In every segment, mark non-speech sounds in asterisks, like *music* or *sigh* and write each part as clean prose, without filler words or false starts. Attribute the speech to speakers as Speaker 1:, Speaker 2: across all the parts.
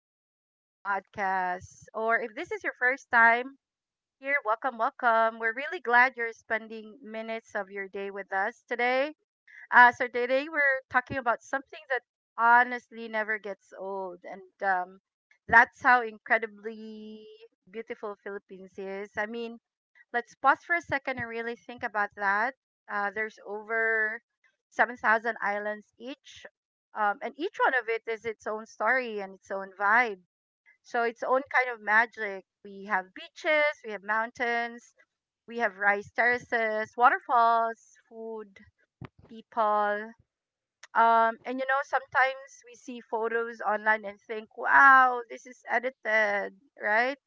Speaker 1: to the podcast. Or if this is your first time here, welcome, welcome. We're really glad you're spending minutes of your day with us today. So today we're talking about something that honestly never gets old, and that's how incredibly beautiful Philippines is. I mean, let's pause for a second and really think about that. There's over 7,000 islands each, and each one of it is its own story and its own vibe. So its own kind of magic. We have beaches, we have mountains, we have rice terraces, waterfalls, food, people. And you know, sometimes we see photos online and think, wow, this is edited, right?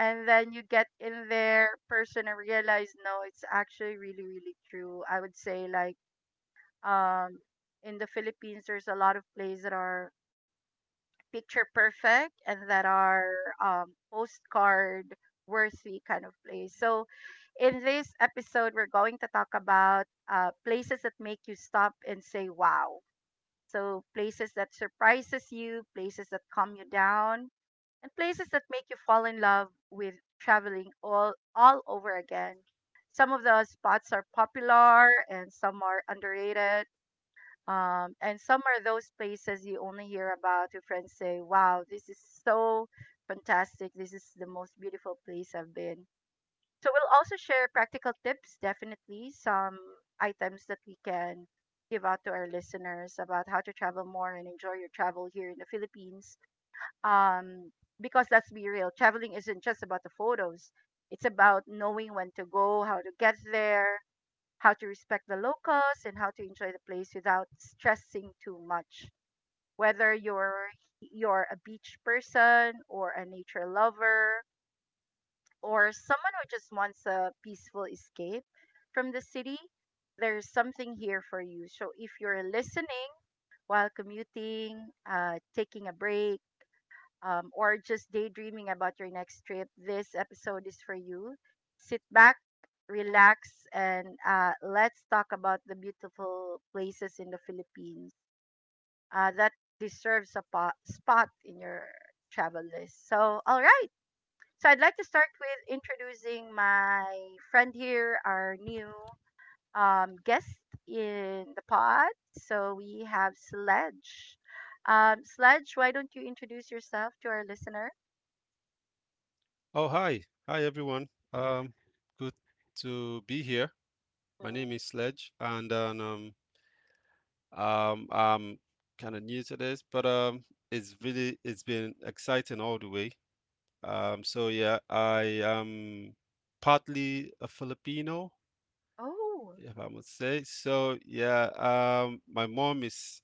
Speaker 1: And then you get in their person and realize, no, it's actually really really true. I would say, like, um in the Philippines there's a lot of plays that are picture perfect and that are um postcard worthy kind of plays. So in this episode we're going to talk about places that make you stop and say wow. So places that surprises you, places that calm you down, and places that make you fall in love with traveling all over again. Some of the spots are popular and some are underrated. And some are those places you only hear about. Your friends say, "Wow, this is so fantastic! This is the most beautiful place I've been." So we'll also share practical tips, definitely some items that we can give out to our listeners about how to travel more and enjoy your travel here in the Philippines, um because let's be real, traveling isn't just about the photos. It's about knowing when to go, how to get there, how to respect the locals, and how to enjoy the place without stressing too much. Whether you're a beach person or a nature lover, or someone who just wants a peaceful escape from the city, there's something here for you. So if you're listening while commuting, taking a break, or just daydreaming about your next trip, this episode is for you. Sit back, relax, and let's talk about the beautiful places in the Philippines that deserves a spot in your travel list. So, all right. So, I'd like to start with introducing my friend here, our new guest in the pod. So, we have Sledge. Sledge, why don't you introduce yourself to our listener?
Speaker 2: Oh, hi. Hi, everyone. Um, good to be here. My name is Sledge, and I'm kind of new to this, but it's been exciting all the way. So yeah, I am partly a Filipino,
Speaker 1: Oh.
Speaker 2: if I must say. So yeah, my mom is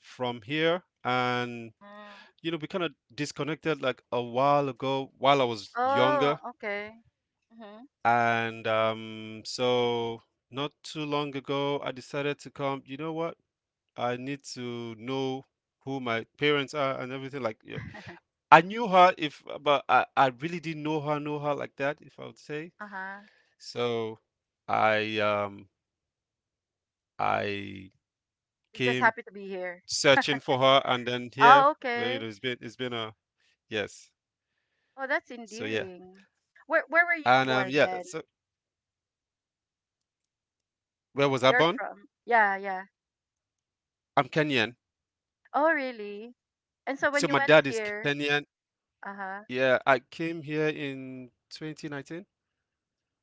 Speaker 2: from here, and
Speaker 1: Mm.
Speaker 2: you know, we kind of disconnected like a while ago while I was
Speaker 1: Oh,
Speaker 2: younger.
Speaker 1: okay. Mm-hmm.
Speaker 2: And so not too long ago, I decided to come. You know what? I need to know who my parents are and everything. Like, you know,
Speaker 1: *laughs*
Speaker 2: I knew her if, but I really didn't know her like that, if I would say.
Speaker 1: Uh-huh.
Speaker 2: So I um I
Speaker 1: You're just
Speaker 2: came
Speaker 1: happy to be here.
Speaker 2: searching for her, and then here,
Speaker 1: Oh,
Speaker 2: well, you
Speaker 1: okay.
Speaker 2: know, it's been a yes.
Speaker 1: Oh, that's
Speaker 2: So yeah,
Speaker 1: endearing. Where were you
Speaker 2: and
Speaker 1: born
Speaker 2: yeah,
Speaker 1: then?
Speaker 2: so where was I
Speaker 1: You're
Speaker 2: born?
Speaker 1: from. Yeah, yeah.
Speaker 2: I'm Kenyan.
Speaker 1: Oh, really? And so
Speaker 2: So
Speaker 1: when you
Speaker 2: my
Speaker 1: went
Speaker 2: dad is
Speaker 1: here,
Speaker 2: Kenyan.
Speaker 1: uh-huh.
Speaker 2: Yeah, I came here in 2019.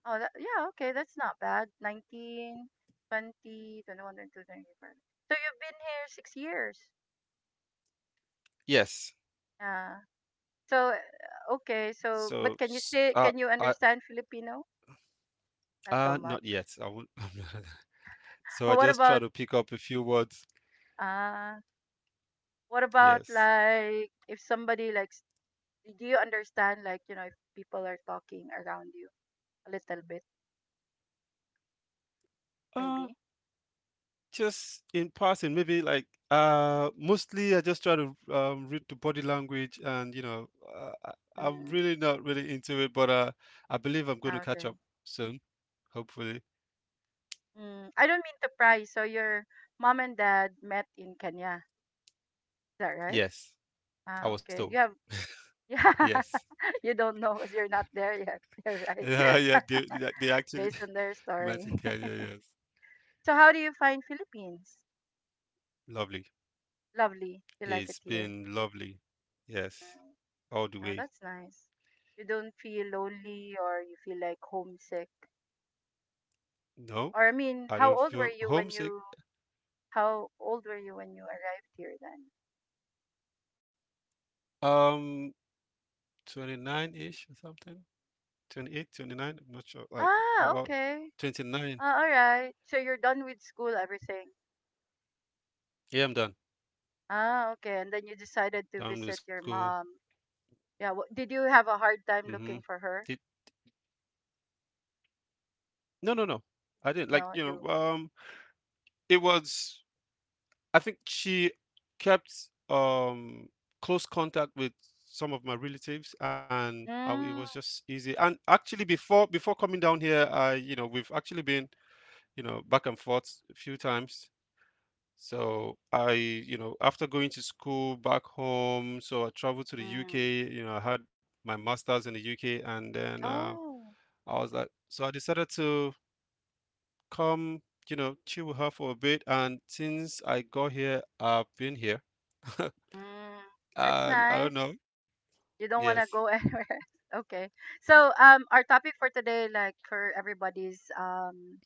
Speaker 1: Oh, that, yeah, okay. That's not bad. 19, 20, 21, 22, 24. So you've been here 6 years.
Speaker 2: Yes.
Speaker 1: Yeah. So okay, so
Speaker 2: So,
Speaker 1: but can you
Speaker 2: I,
Speaker 1: understand Filipino? Not so
Speaker 2: not
Speaker 1: much.
Speaker 2: yet. I won't, *laughs* I'm not. So I
Speaker 1: Well,
Speaker 2: just try to pick up a few words.
Speaker 1: Ah, what about
Speaker 2: Yes.
Speaker 1: like if somebody likes, do you understand, like, if people are talking around you a little bit,
Speaker 2: Uh,
Speaker 1: maybe?
Speaker 2: just in passing, maybe like, mostly I just try to read the body language and, you know, I'm
Speaker 1: Mm,
Speaker 2: really not really into it, but I believe I'm going
Speaker 1: ah,
Speaker 2: to catch
Speaker 1: okay.
Speaker 2: up soon, hopefully.
Speaker 1: Mm, I don't mean to pry. So your mom and dad met in Kenya. Is that right?
Speaker 2: Yes, I
Speaker 1: Ah,
Speaker 2: was
Speaker 1: okay.
Speaker 2: told.
Speaker 1: You have, *laughs* yeah,
Speaker 2: Yes.
Speaker 1: you don't know because you're not there yet. *laughs* You're
Speaker 2: *laughs*
Speaker 1: right.
Speaker 2: Yeah, yeah.
Speaker 1: *laughs*
Speaker 2: you- you Actually,
Speaker 1: Based on their
Speaker 2: *laughs*
Speaker 1: story.
Speaker 2: Martin
Speaker 1: *laughs*
Speaker 2: Kanye, yes.
Speaker 1: So how do you find Philippines?
Speaker 2: Lovely.
Speaker 1: Lovely. You like it
Speaker 2: It's
Speaker 1: here?
Speaker 2: been lovely. Yes, all the
Speaker 1: Oh,
Speaker 2: way.
Speaker 1: that's nice. You don't feel lonely or you feel like homesick.
Speaker 2: No,
Speaker 1: Or I mean,
Speaker 2: I
Speaker 1: how
Speaker 2: don't
Speaker 1: old were
Speaker 2: feel
Speaker 1: you when you
Speaker 2: homesick.
Speaker 1: arrived here then?
Speaker 2: Um, 29-ish or something. 28, 29. I'm not sure. Like
Speaker 1: Ah,
Speaker 2: about
Speaker 1: okay.
Speaker 2: 29.
Speaker 1: Ah, all right. So you're done with school, everything.
Speaker 2: Yeah, I'm done.
Speaker 1: Ah, okay. And then you decided to
Speaker 2: Done with
Speaker 1: visit your
Speaker 2: school.
Speaker 1: mom. Yeah, did you have a hard time
Speaker 2: Mm-hmm.
Speaker 1: looking for
Speaker 2: Did
Speaker 1: her?
Speaker 2: No, no, no. I didn't. Like,
Speaker 1: No,
Speaker 2: you
Speaker 1: you.
Speaker 2: know, it was I think she kept close contact with some of my relatives and I, it was
Speaker 1: Mm,
Speaker 2: just easy. And actually before coming down here, I, you know, we've actually been you know, back and forth a few times. So I, you know, after going to school back home, so I traveled to the
Speaker 1: mm.
Speaker 2: UK. You know, I had my master's in the UK, and then
Speaker 1: Oh.
Speaker 2: I was like, so I decided to come, you know, chill with her for a bit. And since I got here, I've been here, *laughs*
Speaker 1: Mm. That's
Speaker 2: and I don't
Speaker 1: nice.
Speaker 2: know.
Speaker 1: You don't
Speaker 2: Yes.
Speaker 1: want to go *laughs* anywhere. Okay. So, our topic for today, like for everybody's,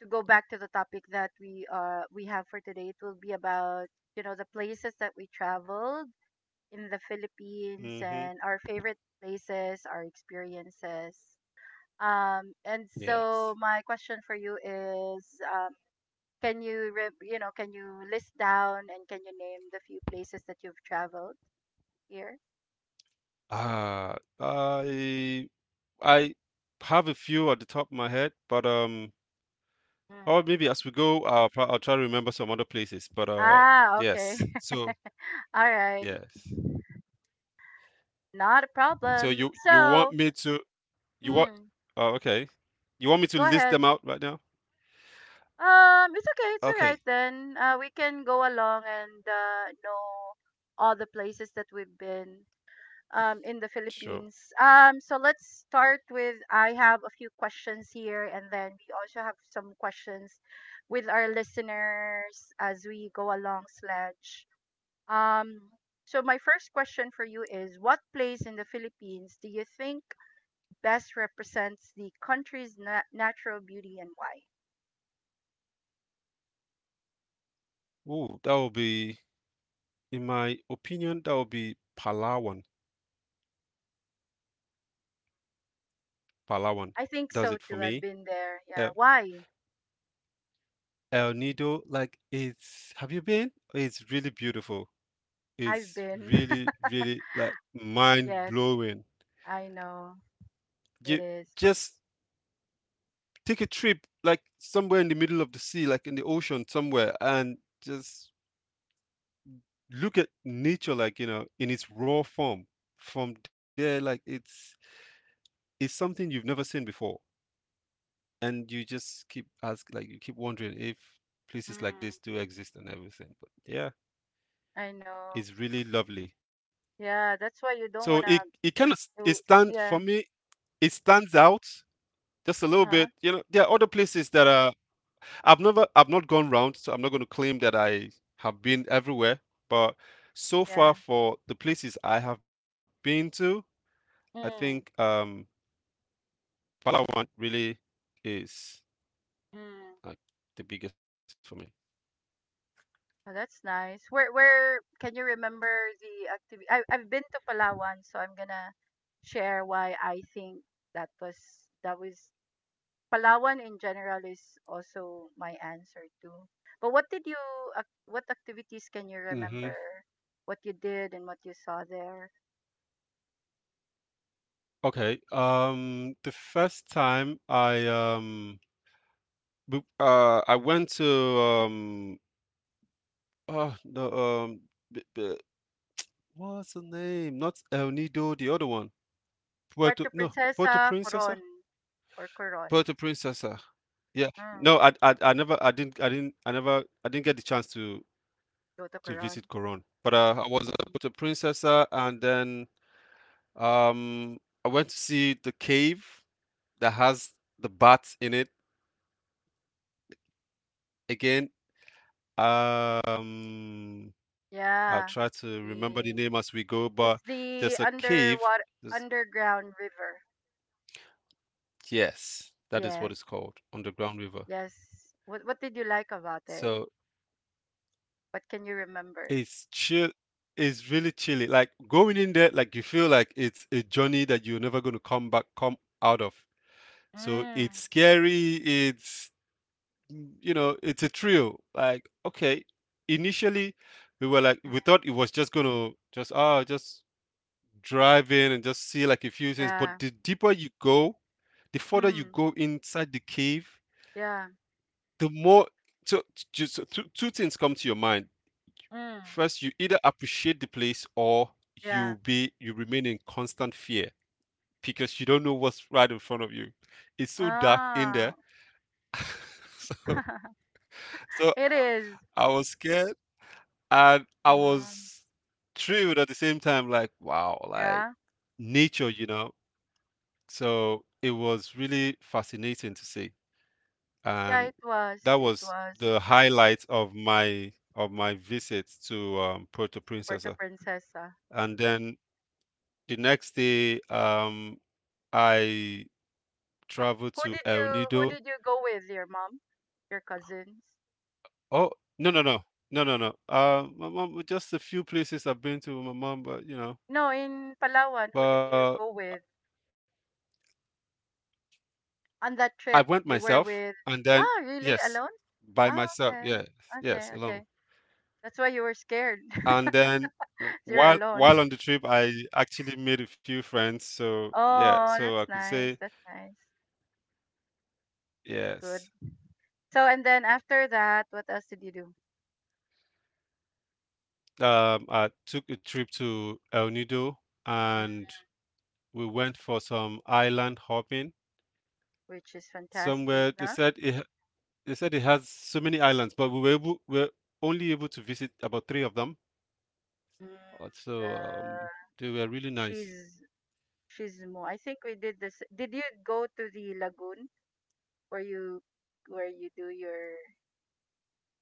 Speaker 1: to go back to the topic that we have for today, it will be about, the places that we traveled in the Philippines
Speaker 2: Mm-hmm.
Speaker 1: and our favorite places, our experiences. And
Speaker 2: Yeah.
Speaker 1: so my question for you is, um, can you list down and can you name the few places that you've traveled here?
Speaker 2: Uh, I I have a few at the top of my head, but
Speaker 1: Mm.
Speaker 2: Or maybe as we go, I'll try to remember some other places. But
Speaker 1: Ah, okay.
Speaker 2: yes.
Speaker 1: *laughs*
Speaker 2: So
Speaker 1: All right,
Speaker 2: yeah.
Speaker 1: not a
Speaker 2: So you
Speaker 1: problem.
Speaker 2: want me
Speaker 1: So,
Speaker 2: to you want?
Speaker 1: mm,
Speaker 2: Oh, okay. You want me to
Speaker 1: go
Speaker 2: list them
Speaker 1: ahead.
Speaker 2: out right now?
Speaker 1: It's okay. It's all
Speaker 2: Okay.
Speaker 1: right then. We can go along and know all the places that we've been, in the
Speaker 2: Sure.
Speaker 1: Philippines. So let's start with I have a few questions here, and then we also have some questions with our listeners as we go along, Sledge. Um, so my first question for you is, what place in the Philippines do you think best represents the country's natural beauty and why?
Speaker 2: Ooh, that will be, in my opinion, that will be Palawan. Palawan
Speaker 1: I think
Speaker 2: does
Speaker 1: so
Speaker 2: it for
Speaker 1: too. I've
Speaker 2: me.
Speaker 1: been there. Yeah.
Speaker 2: Uh,
Speaker 1: Why?
Speaker 2: El Nido, like it's. Have you been? It's really beautiful.
Speaker 1: I've
Speaker 2: It's
Speaker 1: been.
Speaker 2: really, really like
Speaker 1: *laughs*
Speaker 2: mind
Speaker 1: Yes,
Speaker 2: blowing.
Speaker 1: I know it
Speaker 2: You
Speaker 1: is. But,
Speaker 2: just take a trip like somewhere in the middle of the sea, like in the ocean somewhere, and just look at nature like you know in its raw form. From there, like it's something you've never seen before, and you just keep wondering if places like this
Speaker 1: mm,
Speaker 2: do exist and everything. But yeah,
Speaker 1: I know.
Speaker 2: it's really lovely.
Speaker 1: Yeah, that's why
Speaker 2: So
Speaker 1: you
Speaker 2: it
Speaker 1: don't
Speaker 2: it
Speaker 1: wanna.
Speaker 2: kind of it stands
Speaker 1: Do.
Speaker 2: for me.
Speaker 1: Yeah.
Speaker 2: It stands out just a little
Speaker 1: Uh
Speaker 2: bit. You
Speaker 1: huh.
Speaker 2: know, there are other places that are I've not gone round, so I'm not going to claim that I have been everywhere. But so far,
Speaker 1: Yeah.
Speaker 2: for the places I have been to, I
Speaker 1: Mm.
Speaker 2: think Palawan really is
Speaker 1: Mm.
Speaker 2: like the biggest for me.
Speaker 1: Oh, that's nice. Where can you remember the activity? I've been to Palawan, so I'm gonna share why I think that was that was Palawan in general is also my answer too. But what activities can you
Speaker 2: Mhm.
Speaker 1: remember? What you did and what you saw there?
Speaker 2: Okay. The first time I went to oh the um b- b- what's the name? Not El Nido, the other one. Puerto
Speaker 1: Puerto
Speaker 2: no, Puerto
Speaker 1: Princesa,
Speaker 2: Princesa?
Speaker 1: Coron.
Speaker 2: Puerto Princesa. Yeah.
Speaker 1: Mm.
Speaker 2: No, I never I didn't I didn't I never I didn't get the chance
Speaker 1: Go to
Speaker 2: to
Speaker 1: Coron.
Speaker 2: visit Coron. But I was at
Speaker 1: Mm.
Speaker 2: Puerto Princesa and then um I went to see the cave that has the bats in it again. Um I'll
Speaker 1: Yeah.
Speaker 2: try to remember the
Speaker 1: The,
Speaker 2: name as we go, but
Speaker 1: it's the
Speaker 2: there's a cave.
Speaker 1: underground river.
Speaker 2: Yes, that is what it's
Speaker 1: Yes.
Speaker 2: called, Underground River.
Speaker 1: Yes. What did you like about it?
Speaker 2: So
Speaker 1: What can you remember?
Speaker 2: It's chill it's really chilly. Like going in there, like you feel like it's a journey that you're never gonna come back, come out of. So it's
Speaker 1: Mm.
Speaker 2: scary. It's you know, it's a thrill. Like okay, initially we were like
Speaker 1: Mm,
Speaker 2: we thought it was just gonna just drive in and just see like a few things. But
Speaker 1: yeah.
Speaker 2: the deeper you go, the further you
Speaker 1: Mm.
Speaker 2: go inside the cave,
Speaker 1: Yeah.
Speaker 2: the more so, so two things come to your mind.
Speaker 1: Mm.
Speaker 2: First, you either appreciate the place or
Speaker 1: Yeah.
Speaker 2: you remain in constant fear because you don't know what's right in front of you. It's so dark in
Speaker 1: Ah.
Speaker 2: there. *laughs* So
Speaker 1: *laughs*
Speaker 2: so
Speaker 1: It is.
Speaker 2: I was scared and I
Speaker 1: Ah,
Speaker 2: was thrilled at the same time, like, wow, like
Speaker 1: yeah.
Speaker 2: nature, you know. So it was really fascinating to see.
Speaker 1: Yeah,
Speaker 2: And
Speaker 1: it was.
Speaker 2: that
Speaker 1: It
Speaker 2: was
Speaker 1: was
Speaker 2: the highlight of my visit to Puerto
Speaker 1: Puerto
Speaker 2: Princesa.
Speaker 1: Princesa.
Speaker 2: And then the next day, I traveled
Speaker 1: Who
Speaker 2: to
Speaker 1: did
Speaker 2: El
Speaker 1: you who
Speaker 2: Nido.
Speaker 1: did you go with? Your mom? Your cousins?
Speaker 2: Oh, no, no, no, no. My mom, just a few places I've been to with my mom, but you know,
Speaker 1: No, in Palawan, who did
Speaker 2: but
Speaker 1: you go with on
Speaker 2: I
Speaker 1: that
Speaker 2: went
Speaker 1: trip? You
Speaker 2: myself,
Speaker 1: were with
Speaker 2: and then
Speaker 1: Ah, really?
Speaker 2: yes,
Speaker 1: Alone?
Speaker 2: by
Speaker 1: Ah,
Speaker 2: myself,
Speaker 1: okay.
Speaker 2: yes, yes,
Speaker 1: Okay,
Speaker 2: alone.
Speaker 1: okay. That's why you were scared. *laughs*
Speaker 2: And then
Speaker 1: You're alone.
Speaker 2: while on the trip, I actually made a few friends. So yeah,
Speaker 1: Oh,
Speaker 2: so I could
Speaker 1: that's
Speaker 2: say
Speaker 1: nice. That's nice. That's
Speaker 2: yes.
Speaker 1: good. So, and then after that, what else did you do?
Speaker 2: I took a trip to El Nido,
Speaker 1: Mm,
Speaker 2: and we went for some island hopping
Speaker 1: which is fantastic,
Speaker 2: somewhere they
Speaker 1: no?
Speaker 2: said they said it has so many islands but we were only able to visit about three of them.
Speaker 1: Mm,
Speaker 2: Uh, so um they were really nice.
Speaker 1: she's she's more. I think we did this. Did you go to the lagoon where you where you do your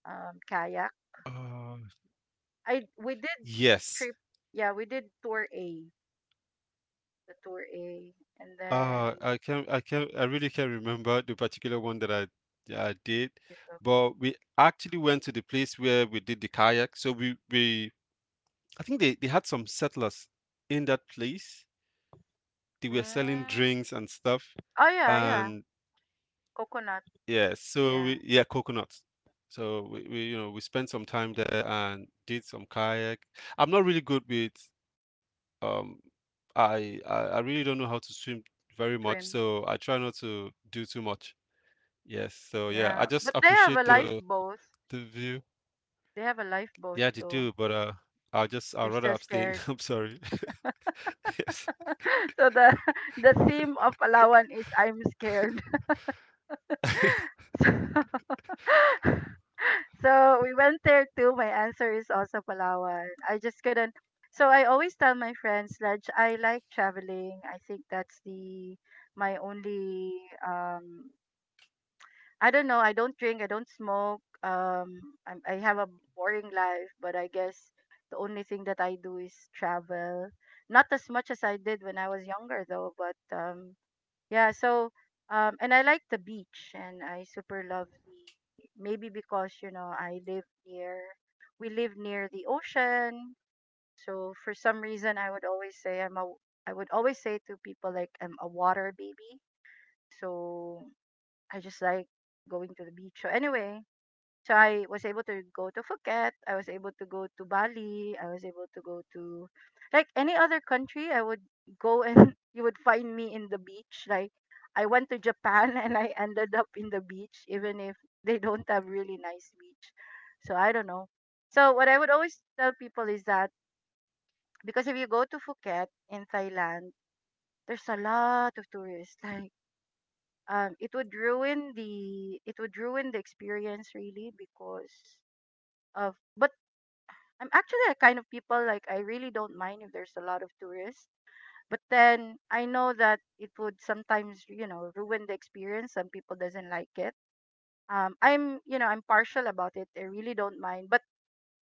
Speaker 1: kayak?
Speaker 2: uh
Speaker 1: I we did trip.
Speaker 2: yes.
Speaker 1: Yeah, we did the tour A, and then
Speaker 2: I really can't remember the particular one that I did,
Speaker 1: you took.
Speaker 2: but we actually went to the place where we did the kayak so we I think they had some settlers in that place, they were selling
Speaker 1: Mm,
Speaker 2: drinks and stuff
Speaker 1: oh yeah, yeah,
Speaker 2: and
Speaker 1: coconut.
Speaker 2: yeah, so
Speaker 1: Yeah,
Speaker 2: we yeah, coconuts. So we you know we spent some time there and did some kayak. I'm not really good with um I really don't know how to swim very much,
Speaker 1: swim.
Speaker 2: so I try not to do too much. Yes, so
Speaker 1: Yeah,
Speaker 2: yeah, I
Speaker 1: but
Speaker 2: just
Speaker 1: they have a
Speaker 2: appreciate the
Speaker 1: lifeboat.
Speaker 2: view.
Speaker 1: They have a lifeboat
Speaker 2: Yeah, they
Speaker 1: though.
Speaker 2: do, but I'll
Speaker 1: You're
Speaker 2: just I'd
Speaker 1: still
Speaker 2: rather
Speaker 1: scared.
Speaker 2: abstain. *laughs* I'm sorry. *laughs* Yes.
Speaker 1: *laughs* so the *laughs* the theme of Palawan is I'm scared. So, *laughs* so we went there too. My answer is also Palawan. I just couldn't. So I always tell my friends that I like traveling. I think that's the my only. Um, I don't know. I don't drink. I don't smoke. I have a boring life, but I guess the only thing that I do is travel. Not as much as I did when I was younger, though. But yeah, so and I like the beach and I super love the maybe because I live near we live near the ocean. So for some reason I would always say to people, like, I'm a water baby. So I just like going to the beach. So anyway, so I was able to go to Phuket. I was able to go to Bali. I was able to go to like any other country. I would go and *laughs* you would find me in the beach. Like I went to Japan *laughs* and I ended up in the beach, even if they don't have really nice beach. So I don't know. So what I would always tell people is that because if you go to Phuket in Thailand, there's a lot of tourists. *laughs* Like, it would ruin the experience really because of, but I'm actually a kind of people like I really don't mind if there's a lot of tourists, but then I know that it would sometimes, ruin the experience. Some people doesn't like it. I'm you know I'm partial about it. I really don't mind, but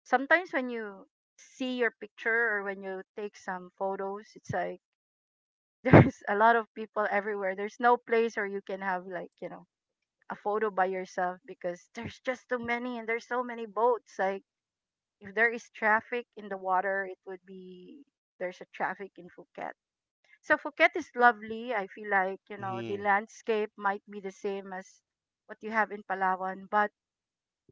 Speaker 1: sometimes when you see your picture or when you take some photos, it's like *laughs* there's a lot of people everywhere. There's no place where you can have like, a photo by yourself because there's just too many and there's so many boats. Like if there is traffic in the water, it would be there's a traffic in Phuket. So Phuket is lovely. I feel like, you
Speaker 2: Mm,
Speaker 1: know, the landscape might be the same as what you have in Palawan, but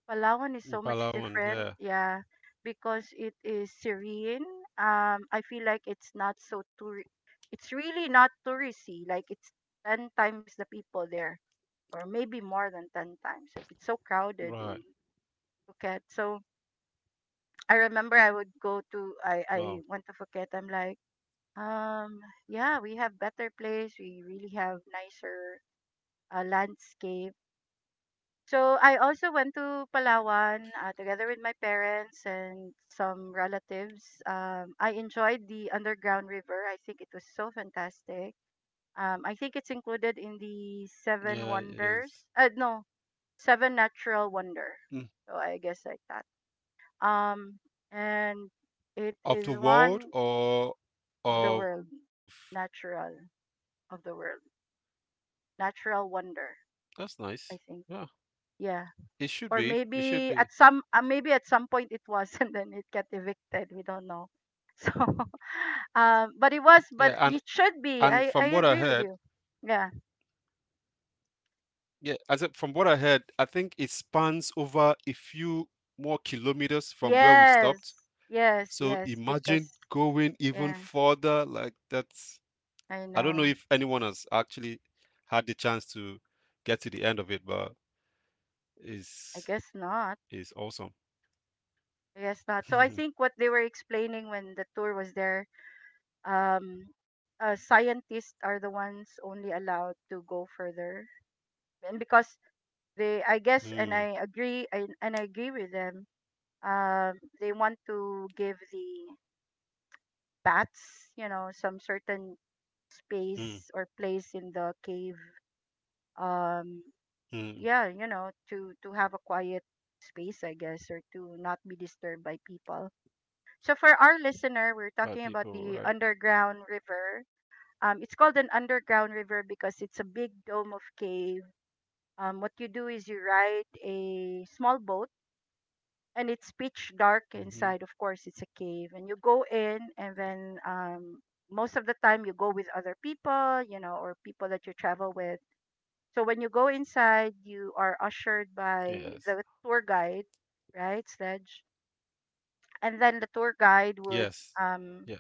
Speaker 1: Palawan is so much
Speaker 2: Palawan,
Speaker 1: different.
Speaker 2: yeah.
Speaker 1: Yeah, because it is serene. I feel like it's not so tour. It's really not touristy. Like it's 10 times the people there, or maybe more than 10 times. Like it's so
Speaker 2: Right.
Speaker 1: crowded in Phuket. So I remember I would go to
Speaker 2: Wow.
Speaker 1: I went to Phuket. I'm like, um, yeah, we have better place. We really have nicer, landscape. So I also went to Palawan together with my parents and some relatives. I enjoyed the underground river. I think it was so fantastic. I think it's included in the
Speaker 2: Yeah, it
Speaker 1: seven
Speaker 2: is.
Speaker 1: wonders. No, seven natural wonder.
Speaker 2: Mm.
Speaker 1: So I guess like that. Um, and it
Speaker 2: Of
Speaker 1: is
Speaker 2: the world
Speaker 1: one.
Speaker 2: or
Speaker 1: Of the
Speaker 2: of.
Speaker 1: world, natural of the world, natural wonder.
Speaker 2: That's nice.
Speaker 1: I
Speaker 2: Yeah,
Speaker 1: think, yeah.
Speaker 2: it should be.
Speaker 1: Or
Speaker 2: It should be.
Speaker 1: maybe at maybe at some point it was, *laughs* and then it got evicted. We don't know. So, *laughs* but
Speaker 2: Yeah,
Speaker 1: but
Speaker 2: and
Speaker 1: it should be. I
Speaker 2: from what I
Speaker 1: agree with
Speaker 2: heard,
Speaker 1: you. Yeah.
Speaker 2: yeah, from what I heard, I think it spans over a few more kilometers from where we stopped.
Speaker 1: Yes. Yes.
Speaker 2: So
Speaker 1: Yes.
Speaker 2: imagine
Speaker 1: Because
Speaker 2: going even
Speaker 1: yeah,
Speaker 2: further. Like that's.
Speaker 1: I
Speaker 2: I don't know
Speaker 1: know.
Speaker 2: if anyone has actually had the chance to get to the end of it, but
Speaker 1: I
Speaker 2: it's
Speaker 1: guess not.
Speaker 2: it's awesome.
Speaker 1: I guess not. So I think
Speaker 2: *laughs*
Speaker 1: what they were explaining when the tour was there um, scientists are the ones only allowed to go further, and because they,
Speaker 2: mm,
Speaker 1: I guess,
Speaker 2: mm,
Speaker 1: and I agree, I, and I agree with them. Um, they want to give the bats, you know, some certain space or place in the cave. Um,
Speaker 2: mm,
Speaker 1: yeah, you know, to have a quiet space, I guess, or to not be disturbed by people. So for our listener, we're
Speaker 2: by
Speaker 1: talking about
Speaker 2: people,
Speaker 1: the
Speaker 2: right?
Speaker 1: underground river it's called an underground river because it's a big dome of cave. What you do is you ride a small boat, and it's pitch dark
Speaker 2: Hmm.
Speaker 1: inside. Of course, it's a cave, and you go in, and then most of the time you go with other people, you know, or people that you travel with. So when you go inside, you are
Speaker 2: Yes.
Speaker 1: ushered by the tour guide, right, Sledge? And then the tour guide
Speaker 2: Yes.
Speaker 1: would
Speaker 2: Yes.
Speaker 1: um,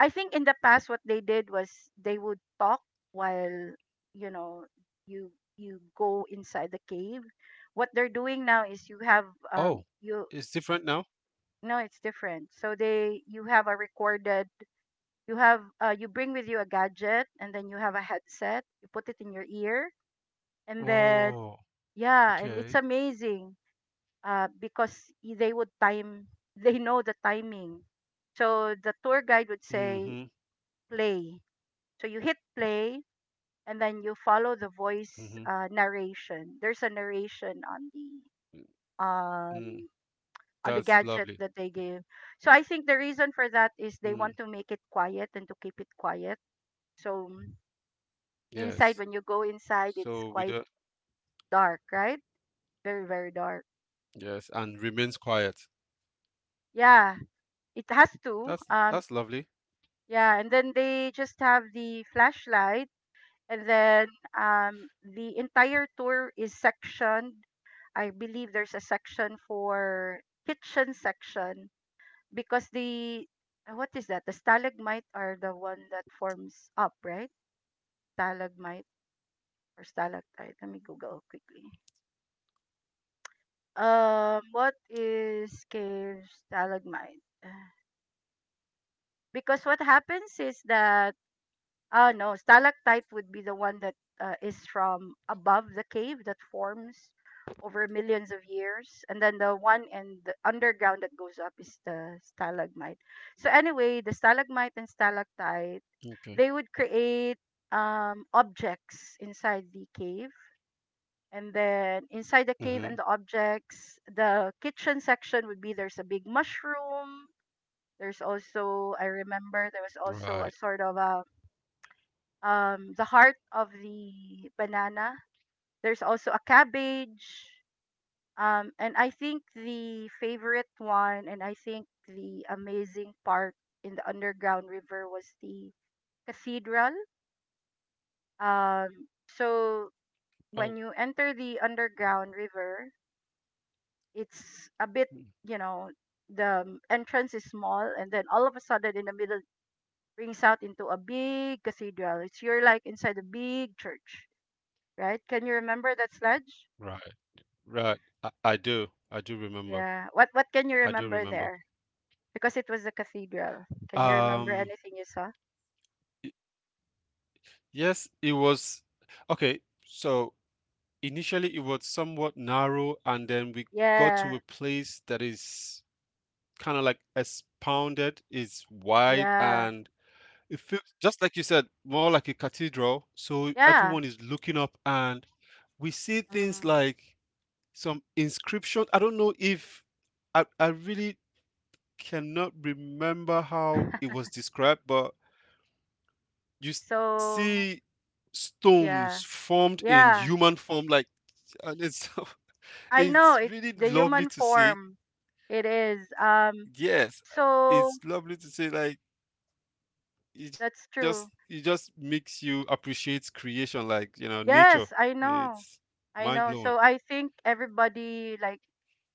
Speaker 1: I think in the past what they did was they would talk while you know you you go inside the cave. What they're doing now is you have
Speaker 2: Oh,
Speaker 1: you
Speaker 2: it's different now?
Speaker 1: no, it's different. So they you have a recorded, you have you bring with you a gadget and then you have a headset. You put it in your ear, and then
Speaker 2: Oh,
Speaker 1: yeah, and it's
Speaker 2: okay.
Speaker 1: amazing because they would time, *laughs* they know the timing. So the tour guide would say
Speaker 2: Mm-hmm.
Speaker 1: play. So you hit play, and then you follow the voice
Speaker 2: Mm-hmm.
Speaker 1: narration. There's a narration
Speaker 2: Mm.
Speaker 1: um, on the
Speaker 2: That's
Speaker 1: gadget
Speaker 2: lovely.
Speaker 1: that they give. So I think the reason for that is they want
Speaker 2: Mm.
Speaker 1: to make it quiet and to keep it quiet. So mm,
Speaker 2: Yes.
Speaker 1: inside, when you go inside, it's
Speaker 2: So we
Speaker 1: quite
Speaker 2: don't,
Speaker 1: dark, right? Very very dark.
Speaker 2: yes, and remains quiet.
Speaker 1: Yeah, it has to.
Speaker 2: That's lovely.
Speaker 1: Yeah, and then they just have the flashlight. And then the entire tour is sectioned. I believe there's a section for kitchen section because the what is that? The stalagmite are the one that forms up, right? Stalagmite or stalactite. Let me Google quickly. What is cave stalagmite? *sighs* Because what happens is that, oh no, stalactite would be the one that is from above the cave that forms over millions of years, and then the one in the underground that goes up is the stalagmite. So anyway, the stalagmite and
Speaker 2: Okay.
Speaker 1: stalactite, they would create objects inside the cave, and then inside the
Speaker 2: Mm-hmm.
Speaker 1: cave and the objects, the kitchen section would be there's a big mushroom. There's also I remember there was
Speaker 2: Right.
Speaker 1: also a sort of a the heart of the banana. There's also a cabbage. And I think the favorite one, and I think the amazing part in the underground river was the cathedral. Um, so
Speaker 2: Oh,
Speaker 1: when you enter the underground river, it's a bit,
Speaker 2: mm,
Speaker 1: you know, the entrance is small, and then all of a sudden in the middle brings out into a big cathedral. It's you're like inside a big church, right? Can you remember that, sledge?
Speaker 2: right. Right. I do. I do remember.
Speaker 1: Yeah. What can you
Speaker 2: I do
Speaker 1: remember
Speaker 2: remember.
Speaker 1: there? Because it was a cathedral. Can you remember
Speaker 2: Um,
Speaker 1: anything you saw?
Speaker 2: y- yes, it was okay. So initially it was somewhat narrow, and then we got to a
Speaker 1: Yeah.
Speaker 2: place that is kinda like expounded, is wide,
Speaker 1: Yeah.
Speaker 2: and it feel just like you said, more like a cathedral, so everyone
Speaker 1: Yeah.
Speaker 2: is looking up, and we see things
Speaker 1: Mm.
Speaker 2: like some inscription. I don't know if I really cannot remember how it was described, but you see
Speaker 1: So
Speaker 2: stones
Speaker 1: yeah.
Speaker 2: formed in human
Speaker 1: Yeah.
Speaker 2: form, like and it's *laughs*
Speaker 1: I
Speaker 2: it's
Speaker 1: know it
Speaker 2: really
Speaker 1: the
Speaker 2: lovely
Speaker 1: human
Speaker 2: to see.
Speaker 1: form. It is.
Speaker 2: Yes,
Speaker 1: So
Speaker 2: it's lovely to see, like
Speaker 1: that's
Speaker 2: it
Speaker 1: true.
Speaker 2: just makes you appreciate creation like you know nature
Speaker 1: Yes, I
Speaker 2: it's
Speaker 1: know. I
Speaker 2: mind-blowing.
Speaker 1: know. So I think everybody like,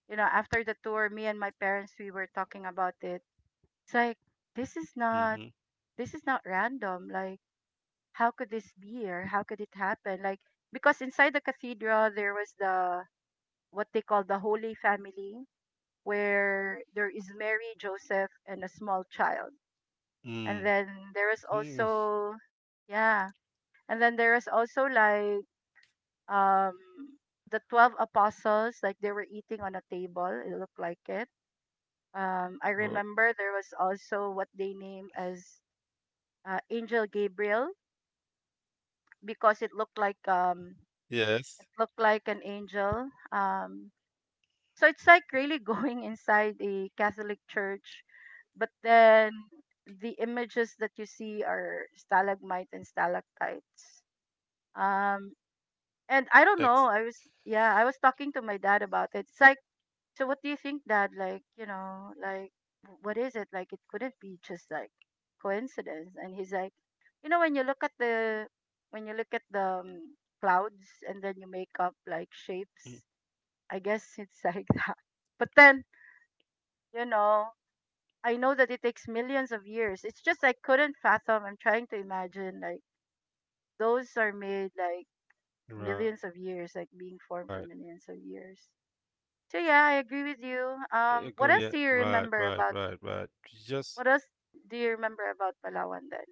Speaker 1: you know, after the tour, me and my parents we were talking about it. It's like this is
Speaker 2: Mm-hmm.
Speaker 1: not, this is not random. Like how could this be or how could it happen, like because inside the cathedral there was the what they call the holy family, where there is Mary, Joseph and a small child, and
Speaker 2: Mm-hmm.
Speaker 1: then there is
Speaker 2: Mm. Mm.
Speaker 1: also yeah, and then there is also like um the 12 apostles, like they were eating on a table, it looked like it, I
Speaker 2: Well,
Speaker 1: remember there was also what they name as angel Gabriel, because
Speaker 2: yes.
Speaker 1: it looked like an angel. So it's like really *laughs* going inside a Catholic church, but then the images that you see are stalagmite and stalactites. Um, and I don't know. I
Speaker 2: ex-
Speaker 1: was yeah, I was talking to my dad about it. It's like, so what do you think, Dad? Like, you know, like what is it? Like, it couldn't be just like coincidence. And he's like, you know, when you look at the, when you look at the clouds and then you make up like shapes,
Speaker 2: mm,
Speaker 1: I guess it's like *laughs* that. But then, you know, I know that it takes millions of years. It's just I couldn't fathom. I'm trying to imagine like those are made like
Speaker 2: right.
Speaker 1: millions of years, like being formed for millions of years.
Speaker 2: Go
Speaker 1: So
Speaker 2: yeah
Speaker 1: yeah, I agree with you.
Speaker 2: right.
Speaker 1: What else do you
Speaker 2: just
Speaker 1: remember about? What else do you remember about Palawan then?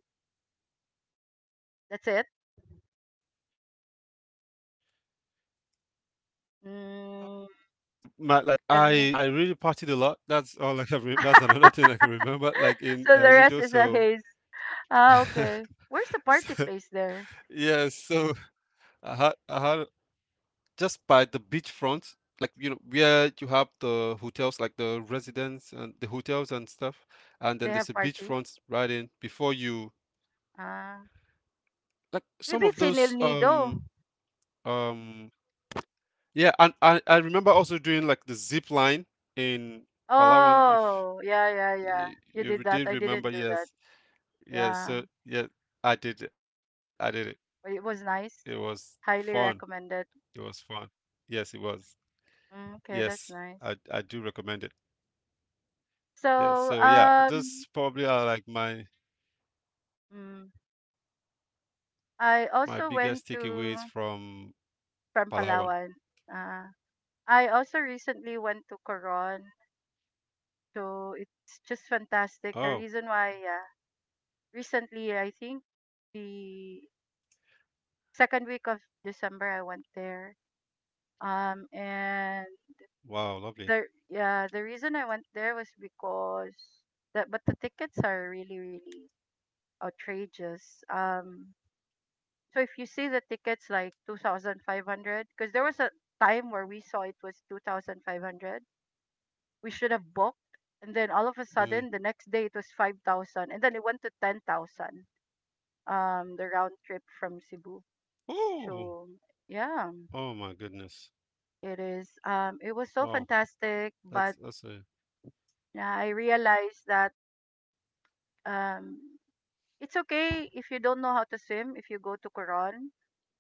Speaker 1: That's it.
Speaker 2: uh so my like
Speaker 1: Mm,
Speaker 2: i i really partied a lot,
Speaker 1: and
Speaker 2: that's all I can that's another thing I can remember, like in El Nido. So
Speaker 1: *laughs* so the rest is a haze.
Speaker 2: *laughs*
Speaker 1: Ah, okay.
Speaker 2: so-
Speaker 1: Where's the party place
Speaker 2: yes,
Speaker 1: there?
Speaker 2: I had just by the beachfront, like you know, where you have the hotels, like the residents and the hotels and stuff, and then there's a
Speaker 1: They have
Speaker 2: beachfront
Speaker 1: party.
Speaker 2: right in before you,
Speaker 1: Ah,
Speaker 2: like some of
Speaker 1: maybe
Speaker 2: those,
Speaker 1: it's in El Nido.
Speaker 2: um, yeah, and I remember also doing like the zip line in Palawan, if
Speaker 1: Oh, yeah, yeah, yeah. You did
Speaker 2: you
Speaker 1: that. I
Speaker 2: did
Speaker 1: didn't
Speaker 2: remember,
Speaker 1: do that.
Speaker 2: yes, yes,
Speaker 1: Yeah.
Speaker 2: so yeah, I did, I did it.
Speaker 1: But it
Speaker 2: It
Speaker 1: was
Speaker 2: was
Speaker 1: nice.
Speaker 2: fun.
Speaker 1: Highly
Speaker 2: It was
Speaker 1: recommended.
Speaker 2: fun. Yes, it was.
Speaker 1: Mm,
Speaker 2: Yes,
Speaker 1: okay, that's
Speaker 2: I
Speaker 1: nice.
Speaker 2: do recommend it. Yeah,
Speaker 1: So,
Speaker 2: so yeah, those probably are like
Speaker 1: mm,
Speaker 2: my biggest
Speaker 1: I
Speaker 2: takeaways
Speaker 1: also went
Speaker 2: from
Speaker 1: to
Speaker 2: Palawan.
Speaker 1: from Palawan. Uh, I also recently went to Coron. So it's just fantastic. The
Speaker 2: Oh,
Speaker 1: reason why, yeah, recently I think the second week of December I went there. And
Speaker 2: wow, lovely.
Speaker 1: the yeah the reason I went there was because that, but the tickets are really really outrageous. So if you see the tickets like two thousand five hundred, because there was a time where we saw it was two thousand five hundred. We should have booked, and then all of a
Speaker 2: Mm.
Speaker 1: sudden the next day it was 5,000, and then it went to 10,000. The round trip from Cebu.
Speaker 2: Oh,
Speaker 1: So yeah,
Speaker 2: oh my goodness.
Speaker 1: it is. It was so
Speaker 2: Wow,
Speaker 1: fantastic, but
Speaker 2: that's a.
Speaker 1: yeah, I realized that um it's okay if you don't know how to swim if you go to Quran,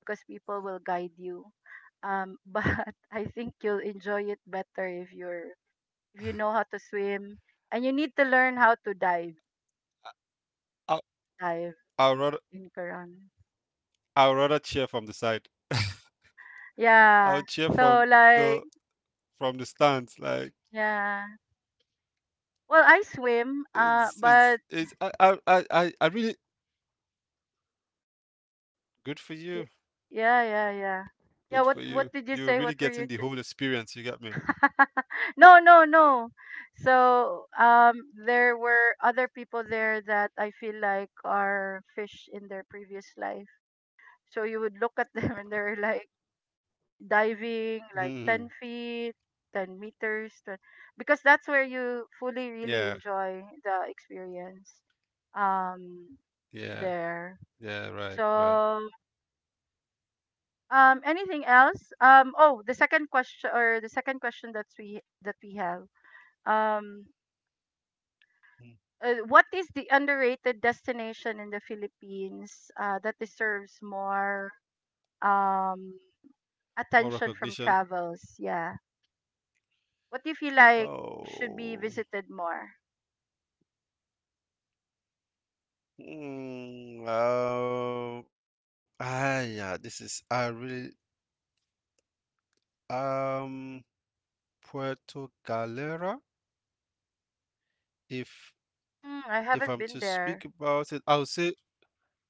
Speaker 1: because people will guide you. *laughs* But I think you'll enjoy it better if you're if you know how to swim and you need to learn how to dive
Speaker 2: I
Speaker 1: dive
Speaker 2: I'd rather
Speaker 1: in Quran.
Speaker 2: I'd rather cheer from the side. I would
Speaker 1: Yeah.
Speaker 2: cheer
Speaker 1: So
Speaker 2: the
Speaker 1: like
Speaker 2: from the stands. Like
Speaker 1: yeah. Well, I swim. Uh, but
Speaker 2: it's. I really good for you.
Speaker 1: y- yeah, yeah,
Speaker 2: Good for
Speaker 1: yeah.
Speaker 2: you.
Speaker 1: Yeah.
Speaker 2: You're
Speaker 1: What
Speaker 2: really
Speaker 1: What
Speaker 2: getting
Speaker 1: did
Speaker 2: the
Speaker 1: you
Speaker 2: whole
Speaker 1: say? What were you
Speaker 2: experience. You get me?
Speaker 1: *laughs* no, no, no. So there were other people there that I feel like are fish in their previous life. So you would look at them *laughs* and they're like
Speaker 2: Mm.
Speaker 1: diving like 10 feet, 10 meters, 20, because that's
Speaker 2: Yeah,
Speaker 1: where you fully really enjoy the experience
Speaker 2: yeah,
Speaker 1: um,
Speaker 2: yeah. Right,
Speaker 1: there.
Speaker 2: right.
Speaker 1: So anything else? Oh, the second question or the second question that's we that we have. Um,
Speaker 2: Mm.
Speaker 1: what is the underrated destination in the Philippines that deserves more um,
Speaker 2: More
Speaker 1: attention from
Speaker 2: recognition.
Speaker 1: travels? Yeah. What do you feel like should be
Speaker 2: Oh,
Speaker 1: visited more?
Speaker 2: yeah, this is I really um Puerto Galera. If
Speaker 1: Mm, I haven't been
Speaker 2: if I'm
Speaker 1: there.
Speaker 2: to speak about it, I'll say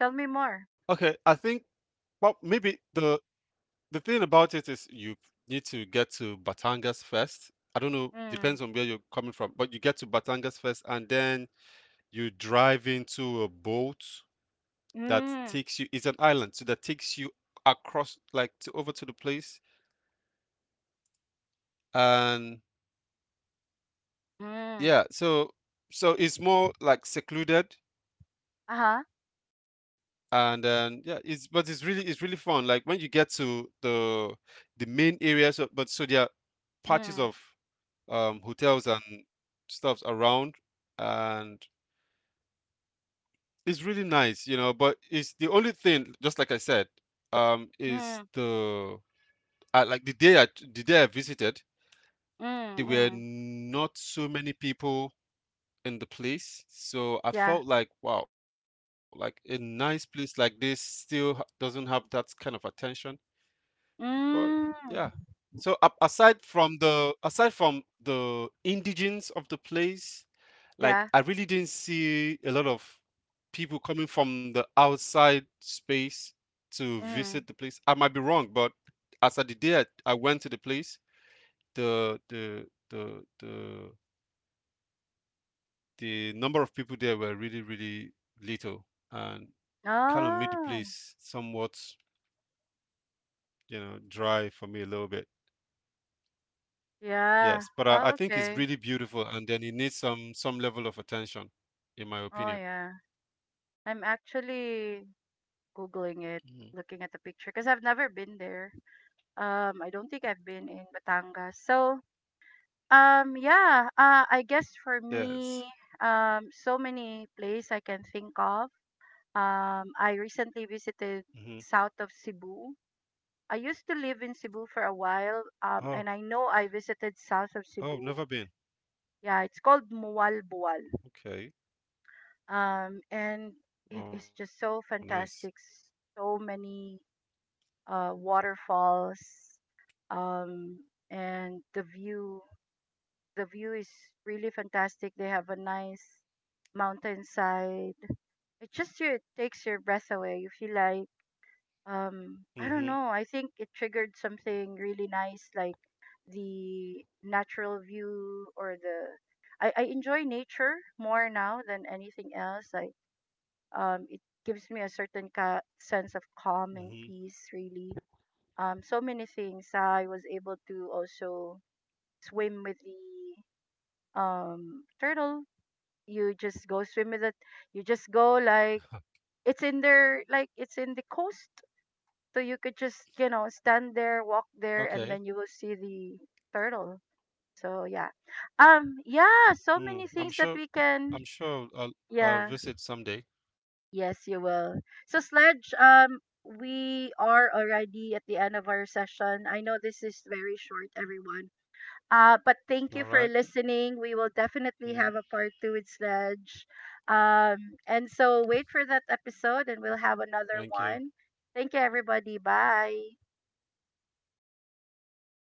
Speaker 1: Tell me more.
Speaker 2: okay. I think well maybe the thing about it is you need to get to Batangas first. I don't know,
Speaker 1: Mm,
Speaker 2: depends on where you're coming from, but you get to Batangas first, and then you drive into a boat that
Speaker 1: mm,
Speaker 2: takes you, it's an island, so that takes you across like to over to the place and
Speaker 1: mm,
Speaker 2: yeah, so so it's more like secluded
Speaker 1: uh-huh.
Speaker 2: and then yeah it's but it's really fun like when you get to the main area so but so there are
Speaker 1: Mm,
Speaker 2: patches of hotels and stuff around and it's really nice you know but it's the only thing just like I said is
Speaker 1: mm,
Speaker 2: the like the day I visited there
Speaker 1: mm,
Speaker 2: were
Speaker 1: mm.
Speaker 2: not so many people in the place. So I
Speaker 1: Yeah.
Speaker 2: felt like, wow, like a nice place like this still doesn't have that kind of attention. But yeah.
Speaker 1: Mm,
Speaker 2: So aside from the indigents of the place, like I
Speaker 1: yeah.
Speaker 2: really didn't see a lot of people coming from the outside space to visit
Speaker 1: Mm.
Speaker 2: the place. I might be wrong, but as at the day I went to the place, the the the the the number of people there were really, really little and kind of made the
Speaker 1: Oh,
Speaker 2: place somewhat, you know, dry for me a little bit.
Speaker 1: yeah.
Speaker 2: Yes, but
Speaker 1: Oh,
Speaker 2: I think
Speaker 1: okay.
Speaker 2: it's really beautiful, and then it needs some level of attention, in my
Speaker 1: Oh,
Speaker 2: opinion.
Speaker 1: yeah. I'm actually
Speaker 2: Mhm.
Speaker 1: Googling it, looking at the picture, because 'cause I've never been there. I don't think I've been in Batangas. So, um, yeah, I guess for
Speaker 2: Yes.
Speaker 1: me, so many places I can think of. I recently visited
Speaker 2: Hmm.
Speaker 1: south of Cebu. I used to live in Cebu for a while,
Speaker 2: Oh,
Speaker 1: and I know I visited south of
Speaker 2: oh,
Speaker 1: Cebu.
Speaker 2: never been.
Speaker 1: Yeah, it's called Mualboal.
Speaker 2: Okay.
Speaker 1: And it
Speaker 2: Oh,
Speaker 1: is just
Speaker 2: nice.
Speaker 1: so fantastic. So many waterfalls, um, and the view. The view is really fantastic. They have a nice mountainside. It just takes your breath away. You feel like
Speaker 2: Hmm.
Speaker 1: I don't know. I think it triggered something really nice, like the natural view or the. I enjoy nature more now than anything else. Like it gives me a certain sense of calm
Speaker 2: Hmm.
Speaker 1: and peace, really so many things. I was able to also swim with the turtle. You just go swim with it. You just go like it's in there, like it's in the coast. So you could just you know stand there, walk there, and then you
Speaker 2: Okay.
Speaker 1: will see the turtle. So yeah, yeah, so many
Speaker 2: Mm,
Speaker 1: things that
Speaker 2: I'm
Speaker 1: we
Speaker 2: sure
Speaker 1: can.
Speaker 2: I'm sure I'll
Speaker 1: Yeah,
Speaker 2: I'll visit someday.
Speaker 1: yes, you will. So sledge, we are already at the end of our session. I know this is very short, everyone.
Speaker 2: All
Speaker 1: But
Speaker 2: right.
Speaker 1: thank you for listening. We will
Speaker 2: Mm,
Speaker 1: definitely have a part two with Sledge. And so wait for that episode and we'll have another
Speaker 2: thank you.
Speaker 1: one. Thank you, everybody. Bye.